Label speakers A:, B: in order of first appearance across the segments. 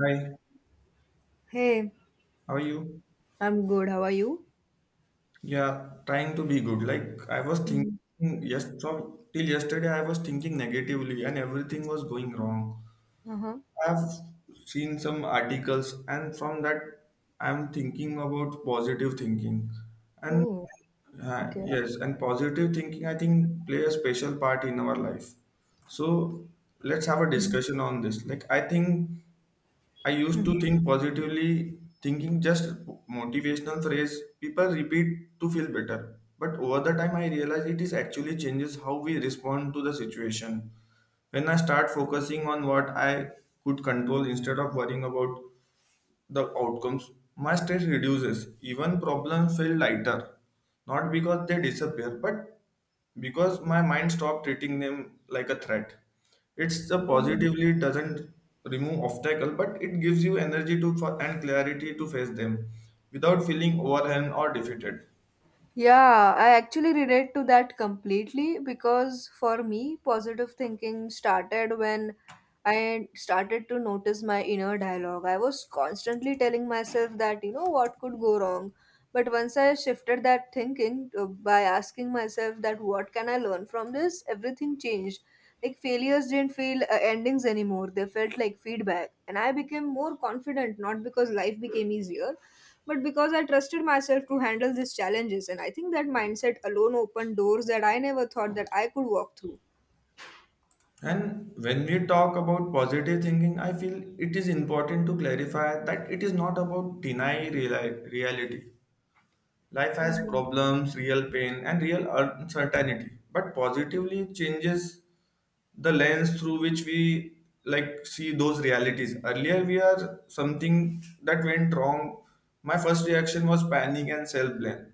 A: Hi,
B: Hey,
A: how are you?
B: I'm good. How are you?
A: Yeah, trying to be good. Like I was thinking
B: Mhm.
A: yes, so till yesterday I was thinking negatively and everything was going wrong.
B: Uh-huh.
A: I've seen some articles and from that I'm thinking about positive thinking. And
B: Oh, okay.
A: yes, and positive thinking I think play a special part in our life. So let's have a
B: Mhm.
A: discussion on this. Like I think I used to think positively, thinking just motivational phrase people repeat to feel better. But over the time, I realized it is actually changes how we respond to the situation. When I start focusing on what I could control instead of worrying about the outcomes, my stress reduces. Even problems feel lighter, not because they disappear, but because my mind stopped treating them like a threat. It's a
B: Mhm.
A: positively doesn't remove obstacle, but it gives you energy to for, and clarity to face them without feeling overwhelmed or defeated.
B: Yeah, I actually relate to that completely because for me, positive thinking started when I started to notice my inner dialogue. I was constantly telling myself that what could go wrong. But once I shifted that thinking by asking myself that what can I learn from this, everything changed. Like failures didn't feel endings anymore, they felt like feedback. And I became more confident, not because life became easier but because I trusted myself to handle these challenges. And I think that mindset alone opened doors that I never thought that I could walk through.
A: And when we talk about positive thinking, I feel it is important to clarify that it is not about deny reality. Life has
B: Hmm.
A: problems, real pain, and real uncertainty. But positively changes the lens through which we like see those realities. Earlier we are something that went wrong, my first reaction was panic and self blame.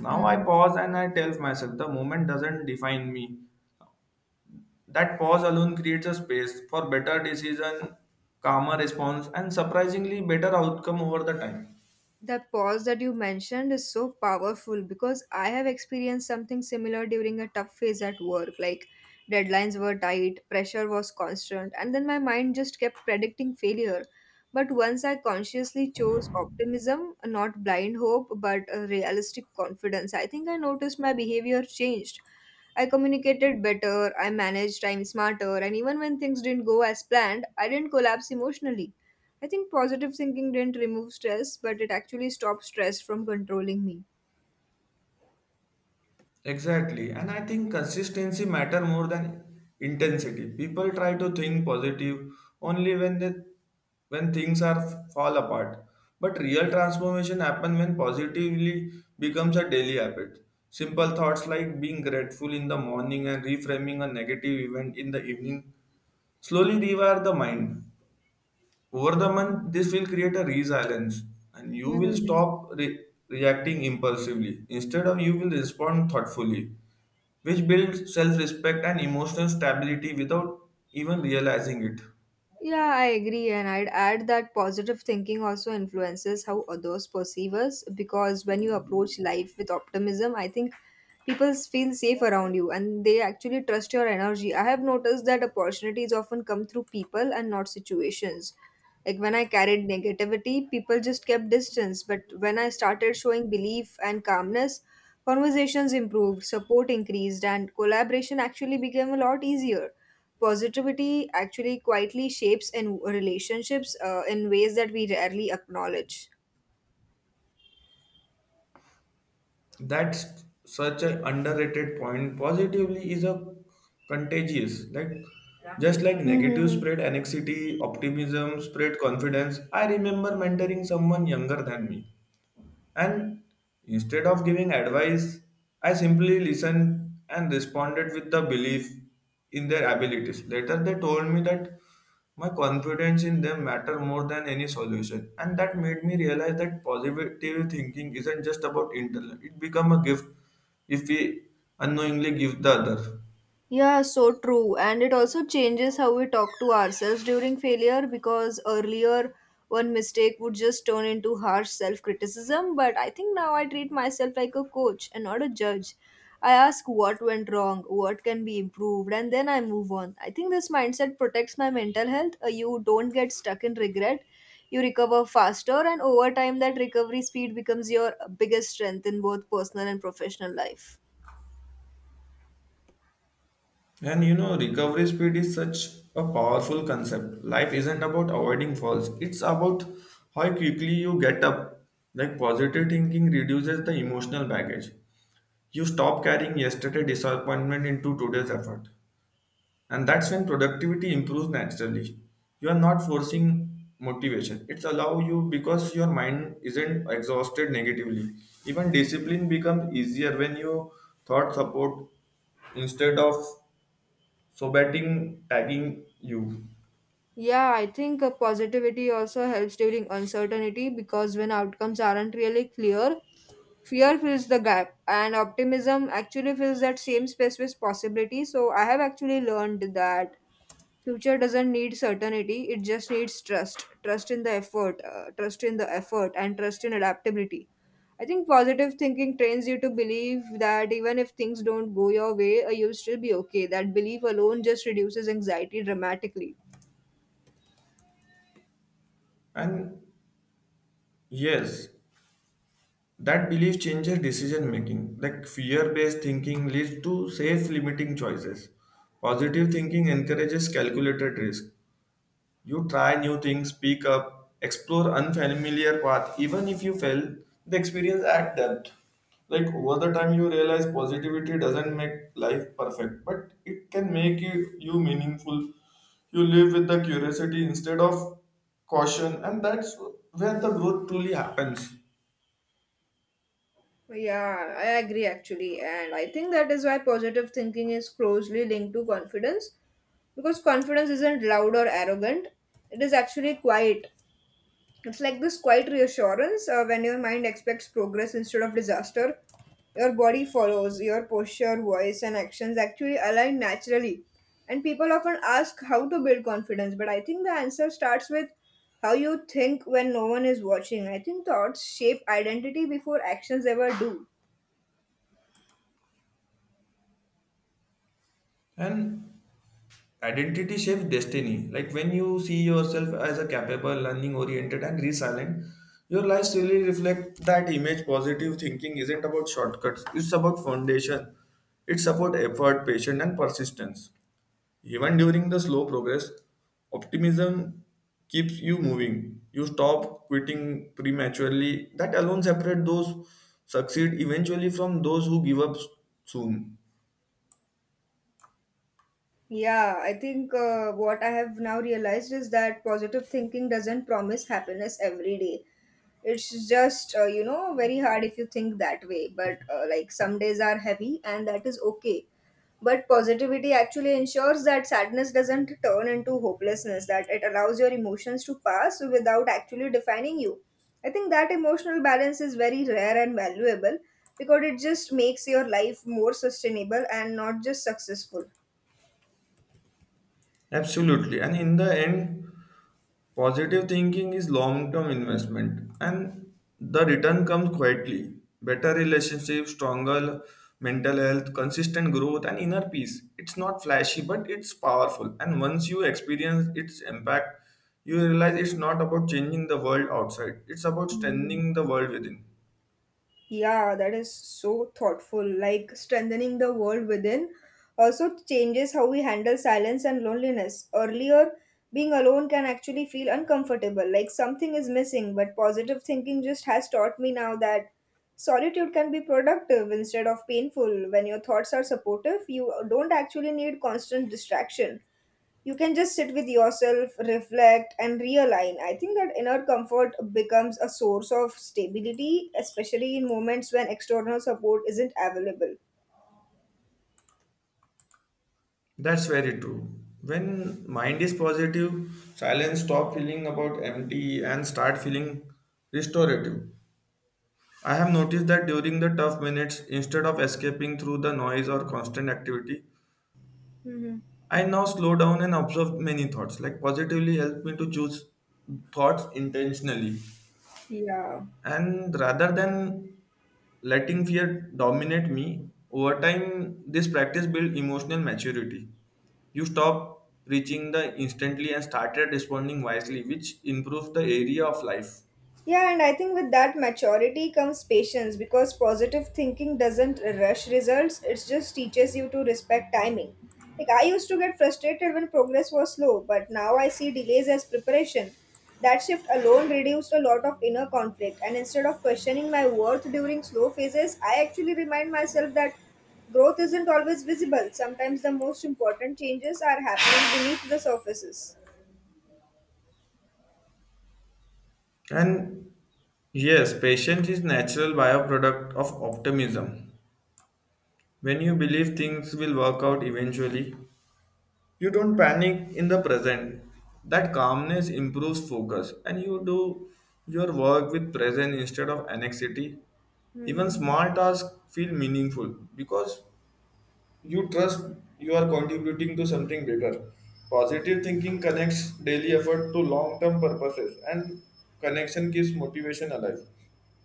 A: Now I
B: Hmm.
A: pause and I tell myself the moment doesn't define me. That pause alone creates a space for better decision, calmer response, and surprisingly better outcome over the time.
B: That pause that you mentioned is so powerful because I have experienced something similar during a tough phase at work. Like deadlines were tight, pressure was constant, and then my mind just kept predicting failure. But once I consciously chose optimism, not blind hope, but a realistic confidence, I think I noticed my behavior changed. I communicated better, I managed time smarter, and even when things didn't go as planned, I didn't collapse emotionally. I think positive thinking didn't remove stress, but it actually stopped stress from controlling me.
A: Exactly. And I think consistency matter more than intensity. People try to think positive only when they when things are fall apart. But real transformation happen when positively becomes a daily habit. Simple thoughts like being grateful in the morning and reframing a negative event in the evening slowly rewire the mind. Over the month, this will create a resilience and you will
B: Mhm.
A: stop reacting impulsively. Instead of you will respond thoughtfully, which builds self respect and emotional stability without even realizing it.
B: Yeah, I agree, and I'd add that positive thinking also influences how others perceive us because when you approach life with optimism, I think people feel safe around you and they actually trust your energy. I have noticed that opportunities often come through people and not situations. Like when I carried negativity, people just kept distance, but when I started showing belief and calmness, conversations improved, support increased, and collaboration actually became a lot easier. Positivity actually quietly shapes in relationships in ways that we rarely acknowledge.
A: That's such an underrated point. Positively is a contagious, like just like negative spread
B: Mm-hmm.
A: anxiety, optimism spread confidence. I remember mentoring someone younger than me. And instead of giving advice, I simply listened and responded with the belief in their abilities. Later, they told me that my confidence in them matter more than any solution, and that made me realize that positive thinking isn't just about intellect. It become a gift if we unknowingly give the other.
B: Yeah, so true. And it also changes how we talk to ourselves during failure because earlier one mistake would just turn into harsh self criticism. But I think now I treat myself like a coach and not a judge. I ask what went wrong, what can be improved, and then I move on. I think this mindset protects my mental health. You don't get stuck in regret. You recover faster, and over time, that recovery speed becomes your biggest strength in both personal and professional life.
A: And you know, recovery speed is such a powerful concept. Life isn't about avoiding falls, it's about how quickly you get up. Like positive thinking reduces the emotional baggage. You stop carrying yesterday disappointment into today's effort. And that's when productivity improves naturally. You are not forcing motivation. It's allow you because your mind isn't exhausted negatively. Even discipline becomes easier when you thought support instead of so betting tagging you.
B: Yeah, I think positivity also helps during uncertainty because when outcomes aren't really clear, fear fills the gap and optimism actually fills that same space with possibility. So I have actually learned that future doesn't need certainty, it just needs trust. Trust in the effort, trust in the effort and trust in adaptability. I think positive thinking trains you to believe that even if things don't go your way, you'll still be okay. That belief alone just reduces anxiety dramatically.
A: And yes, that belief changes decision making, like fear based thinking leads to safe limiting choices. Positive thinking encourages calculated risk. You try new things, speak up, explore unfamiliar path, even if you fail, the experience add depth. Like over the time you realize positivity doesn't make life perfect, but it can make you, you meaningful. You live with the curiosity instead of caution, and that's where the growth truly happens.
B: Yeah, I agree actually. And I think that is why positive thinking is closely linked to confidence because confidence isn't loud or arrogant, it is actually quiet. It's like this quiet reassurance when your mind expects progress instead of disaster. Your body follows, your posture, voice, and actions actually align naturally. And people often ask how to build confidence, but I think the answer starts with how you think when no one is watching. I think thoughts shape identity before actions ever do.
A: And identity shapes destiny. Like when you see yourself as a capable, learning oriented, and resilient, your life really reflects that image. Positive thinking isn't about shortcuts, it's about foundation. It's about effort, patience, and persistence. Even during the slow progress, optimism keeps you moving. You stop quitting prematurely. That alone separates those succeed eventually from those who give up soon.
B: Yeah, I think what I have now realized is that positive thinking doesn't promise happiness every day. It's just, very hard if you think that way. But like some days are heavy and that is okay. But positivity actually ensures that sadness doesn't turn into hopelessness, that it allows your emotions to pass without actually defining you. I think that emotional balance is very rare and valuable because it just makes your life more sustainable and not just successful.
A: Absolutely. And in the end, positive thinking is long term investment and the return comes quietly. Better relationships, stronger mental health, consistent growth, and inner peace. It's not flashy, but it's powerful. And once you experience its impact, you realize it's not about changing the world outside, it's about
B: Hmm.
A: strengthening the world within.
B: Yeah, that is so thoughtful. Like strengthening the world within also changes how we handle silence and loneliness. Earlier, being alone can actually feel uncomfortable, like something is missing, but positive thinking just has taught me now that solitude can be productive instead of painful. When your thoughts are supportive, you don't actually need constant distraction. You can just sit with yourself, reflect, and realign. I think that inner comfort becomes a source of stability, especially in moments when external support isn't available.
A: That's very true. When mind is positive, silence stop feeling about empty and start feeling restorative. I have noticed that during the tough minutes, instead of escaping through the noise or constant activity,
B: Hmm.
A: I now slow down and observe many thoughts, like positively help me to choose thoughts intentionally.
B: Yeah.
A: And rather than letting fear dominate me, over time, this practice builds emotional maturity. You stop reaching the instantly and started responding wisely, which improves the area of life.
B: Yeah, and I think with that maturity comes patience because positive thinking doesn't rush results, it just teaches you to respect timing. Like, I used to get frustrated when progress was slow, but now I see delays as preparation. That shift alone reduced a lot of inner conflict, and instead of questioning my worth during slow phases, I actually remind myself that growth isn't always visible. Sometimes the most important changes are happening beneath the surfaces.
A: And yes, patience is natural byproduct of optimism. When you believe things will work out eventually, you don't panic in the present. That calmness improves focus and you do your work with present instead of anxiety. Even
B: Hmm.
A: small tasks feel meaningful because you trust you are contributing to something bigger. Positive thinking connects daily effort to long term purposes and connection keeps motivation alive.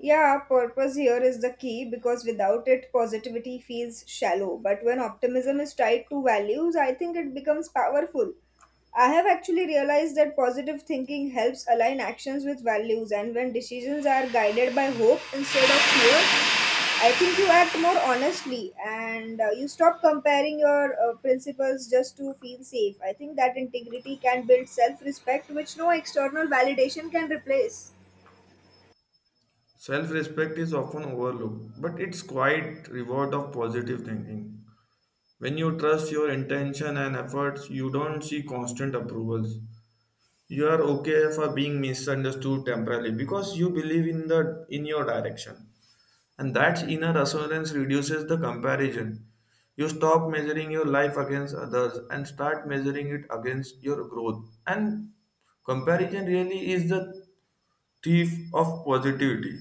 B: Yeah, purpose here is the key because without it, positivity feels shallow. But when optimism is tied to values, I think it becomes powerful. I have actually realized that positive thinking helps align actions with values, and when decisions are guided by hope instead of fear, I think you act more honestly and you stop comparing your principles just to feel safe. I think that integrity can build self respect, which no external validation can replace.
A: Self respect is often overlooked, but it's quite reward of positive thinking. When you trust your intention and efforts, you don't see constant approvals. You are okay for being misunderstood temporarily because you believe in the in your direction. And that inner assurance reduces the comparison. You stop measuring your life against others and start measuring it against your growth. And comparison really is the thief of positivity.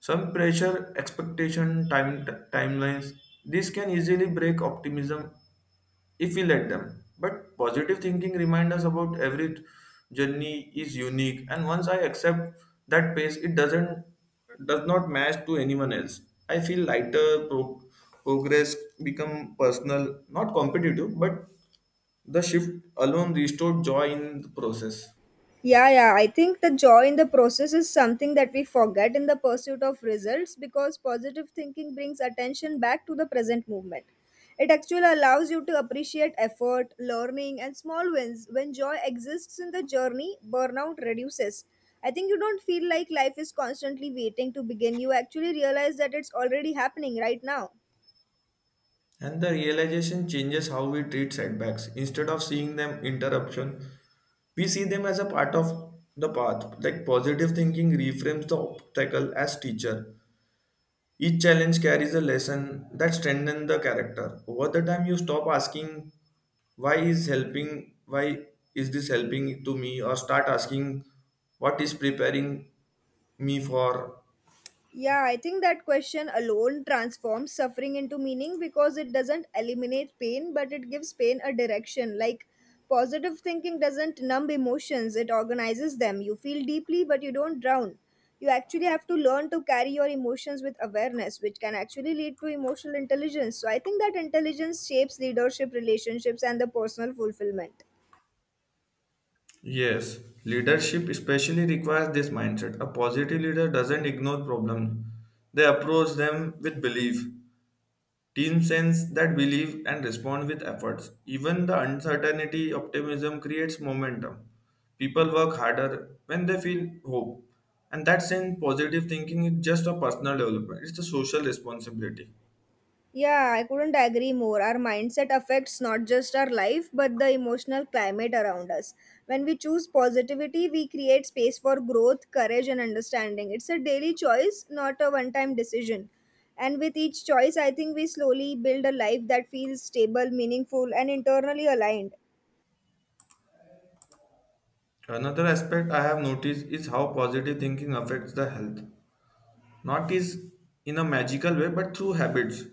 A: Some pressure, expectation, timelines. This can easily break optimism if we let them. But positive thinking reminds us about every journey is unique, and once I accept that pace, it doesn't does not match to anyone else. I feel lighter. Progress become personal, not competitive, but the shift alone restored joy in the process.
B: Yeah, yeah. I think the joy in the process is something that we forget in the pursuit of results because positive thinking brings attention back to the present movement. It actually allows you to appreciate effort, learning, and small wins. When joy exists in the journey, burnout reduces. I think you don't feel like life is constantly waiting to begin. You actually realize that it's already happening right now.
A: And the realization changes how we treat setbacks. Instead of seeing them interruption, we see them as a part of the path. Like positive thinking reframes the obstacle as teacher. Each challenge carries a lesson that strengthens the character. Over the time, you stop asking why is helping, why is this helping to me, or start asking what is preparing me for.
B: Yeah, I think that question alone transforms suffering into meaning because it doesn't eliminate pain, but it gives pain a direction. Like positive thinking doesn't numb emotions, it organizes them. You feel deeply, but you don't drown. You actually have to learn to carry your emotions with awareness, which can actually lead to emotional intelligence. So I think that intelligence shapes leadership, relationships, and the personal fulfillment.
A: Yes, leadership especially requires this mindset. A positive leader doesn't ignore problems; they approach them with belief. Team sense that believe and respond with efforts. Even the uncertainty, optimism creates momentum. People work harder when they feel hope. And that sense, positive thinking is just a personal development, it's a social responsibility.
B: Yeah, I couldn't agree more. Our mindset affects not just our life, but the emotional climate around us. When we choose positivity, we create space for growth, courage, and understanding. It's a daily choice, not a one time decision. And with each choice, I think we slowly build a life that feels stable, meaningful, and internally aligned.
A: Another aspect I have noticed is how positive thinking affects the health. Not is in a magical way, but through habits.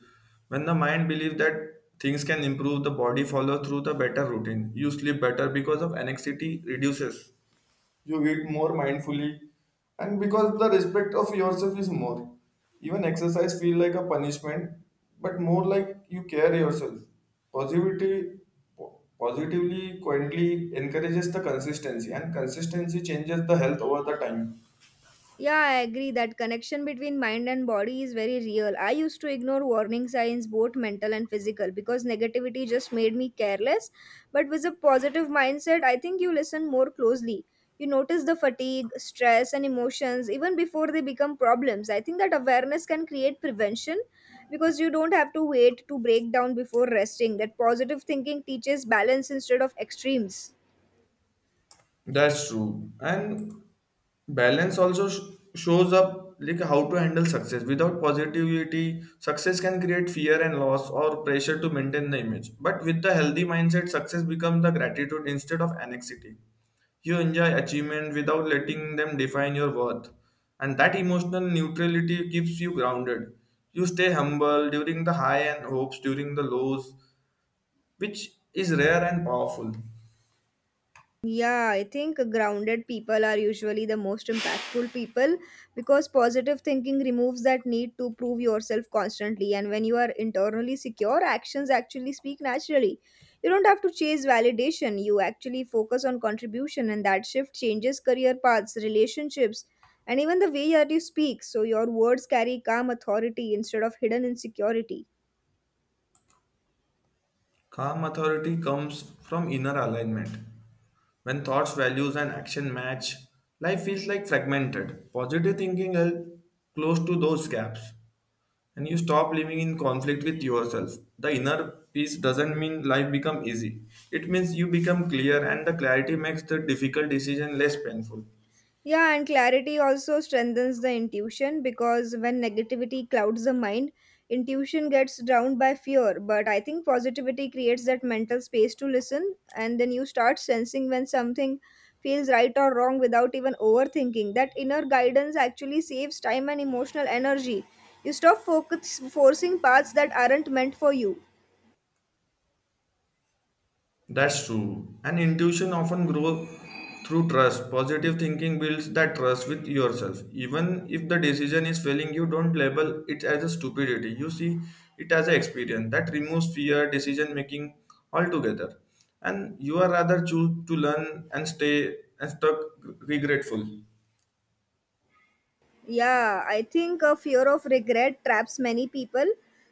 A: When the mind believes that things can improve, the body follows through the better routine. You sleep better because of anxiety reduces, you eat more mindfully and because the respect of yourself is more, even exercise feel like a punishment but more like you care yourself. Positivity positively quietly encourages the consistency and consistency changes the health over the time.
B: Yeah, I agree that connection between mind and body is very real. I used to ignore warning signs, both mental and physical, because negativity just made me careless. But with a positive mindset, I think you listen more closely. You notice the fatigue, stress, and emotions even before they become problems. I think that awareness can create prevention because you don't have to wait to break down before resting. That positive thinking teaches balance instead of extremes.
A: That's true. And balance also shows up like how to handle success. Without positivity success can create fear and loss or pressure to maintain the image, but with the healthy mindset success becomes the gratitude instead of anxiety. You enjoy achievement without letting them define your worth, and that emotional neutrality keeps you grounded. You stay humble during the high and hopes during the lows, which is rare and powerful.
B: Yeah, I think grounded people are usually the most impactful people because positive thinking removes that need to prove yourself constantly. And when you are internally secure, actions actually speak naturally. You don't have to chase validation, you actually focus on contribution, and that shift changes career paths, relationships, and even the way that you speak. So your words carry calm authority instead of hidden insecurity.
A: Calm authority comes from inner alignment. When thoughts, values, and action match, life feels like fragmented. Positive thinking helps close to those gaps, and you stop living in conflict with yourself. The inner peace doesn't mean life become easy. It means you become clear, and the clarity makes the difficult decision less painful.
B: Yeah, and clarity also strengthens the intuition because when negativity clouds the mind, intuition gets drowned by fear. But I think positivity creates that mental space to listen, and then you start sensing when something feels right or wrong without even overthinking. That inner guidance actually saves time and emotional energy. You stop forcing paths that aren't meant for you.
A: That's true. And intuition often grows through trust. Positive thinking builds that trust with yourself. Even if the decision is failing, you don't label it as a stupidity. You see it as an experience that removes fear, decision making altogether. And you are rather choose to learn and stay and stuck regretful.
B: Yeah, I think a fear of regret traps many people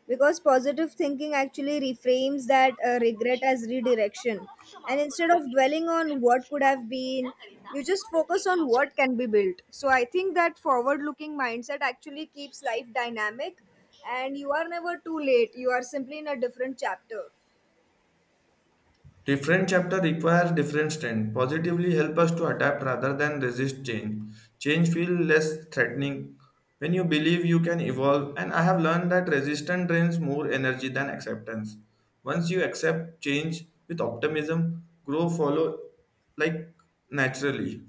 B: because positive thinking actually reframes that regret as redirection. And instead of dwelling on what could have been, you just focus on what can be built. So I think that forward looking mindset actually keeps life dynamic and you are never too late. You are simply in a different chapter.
A: Different chapter requires different strength. Positively help us to adapt rather than resist change. Change feel less threatening when you believe you can evolve. And I have learned that resistance drains more energy than acceptance. Once you accept change with optimism, grow follow like naturally.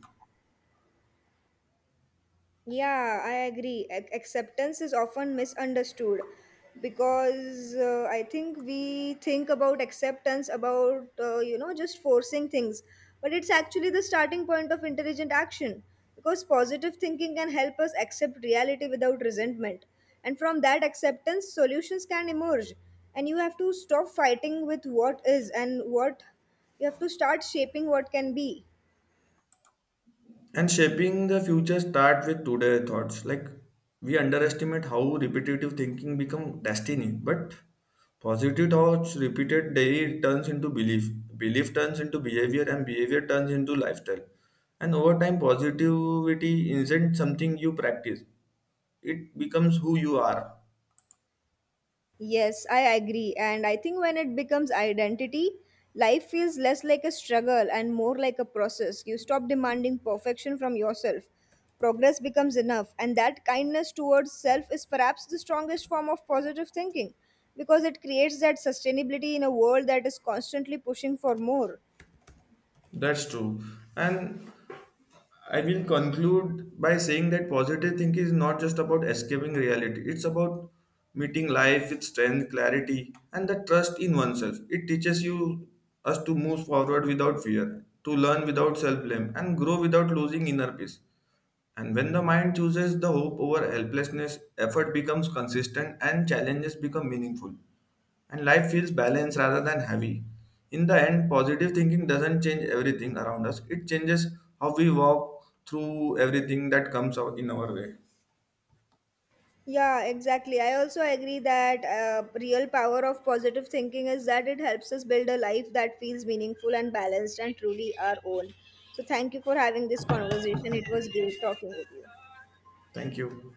B: Yeah, I agree. Acceptance is often misunderstood because I think we think about acceptance about just forcing things. But it's actually the starting point of intelligent action because positive thinking can help us accept reality without resentment. And from that acceptance, solutions can emerge. And you have to stop fighting with what is and what you have to start shaping what can be.
A: And shaping the future start with today thoughts. Like we underestimate how repetitive thinking become destiny, but positive thoughts repeated daily turns into belief. Belief turns into behavior and behavior turns into lifestyle. And over time positivity isn't something you practice. It becomes who you are.
B: Yes, I agree. And I think when it becomes identity, life feels less like a struggle and more like a process. You stop demanding perfection from yourself. Progress becomes enough. And that kindness towards self is perhaps the strongest form of positive thinking because it creates that sustainability in a world that is constantly pushing for more.
A: That's true. And I will conclude by saying that positive thinking is not just about escaping reality, it's about meeting life with strength, clarity, and the trust in oneself. It teaches you us to move forward without fear, to learn without self blame, and grow without losing inner peace. And when the mind chooses the hope over helplessness, effort becomes consistent and challenges become meaningful and life feels balanced rather than heavy. In the end, positive thinking doesn't change everything around us, it changes how we walk through everything that comes out in our way.
B: Yeah, exactly. I also agree that real power of positive thinking is that it helps us build a life that feels meaningful and balanced and truly our own. So thank you for having this conversation. It was great talking with you.
A: Thank you.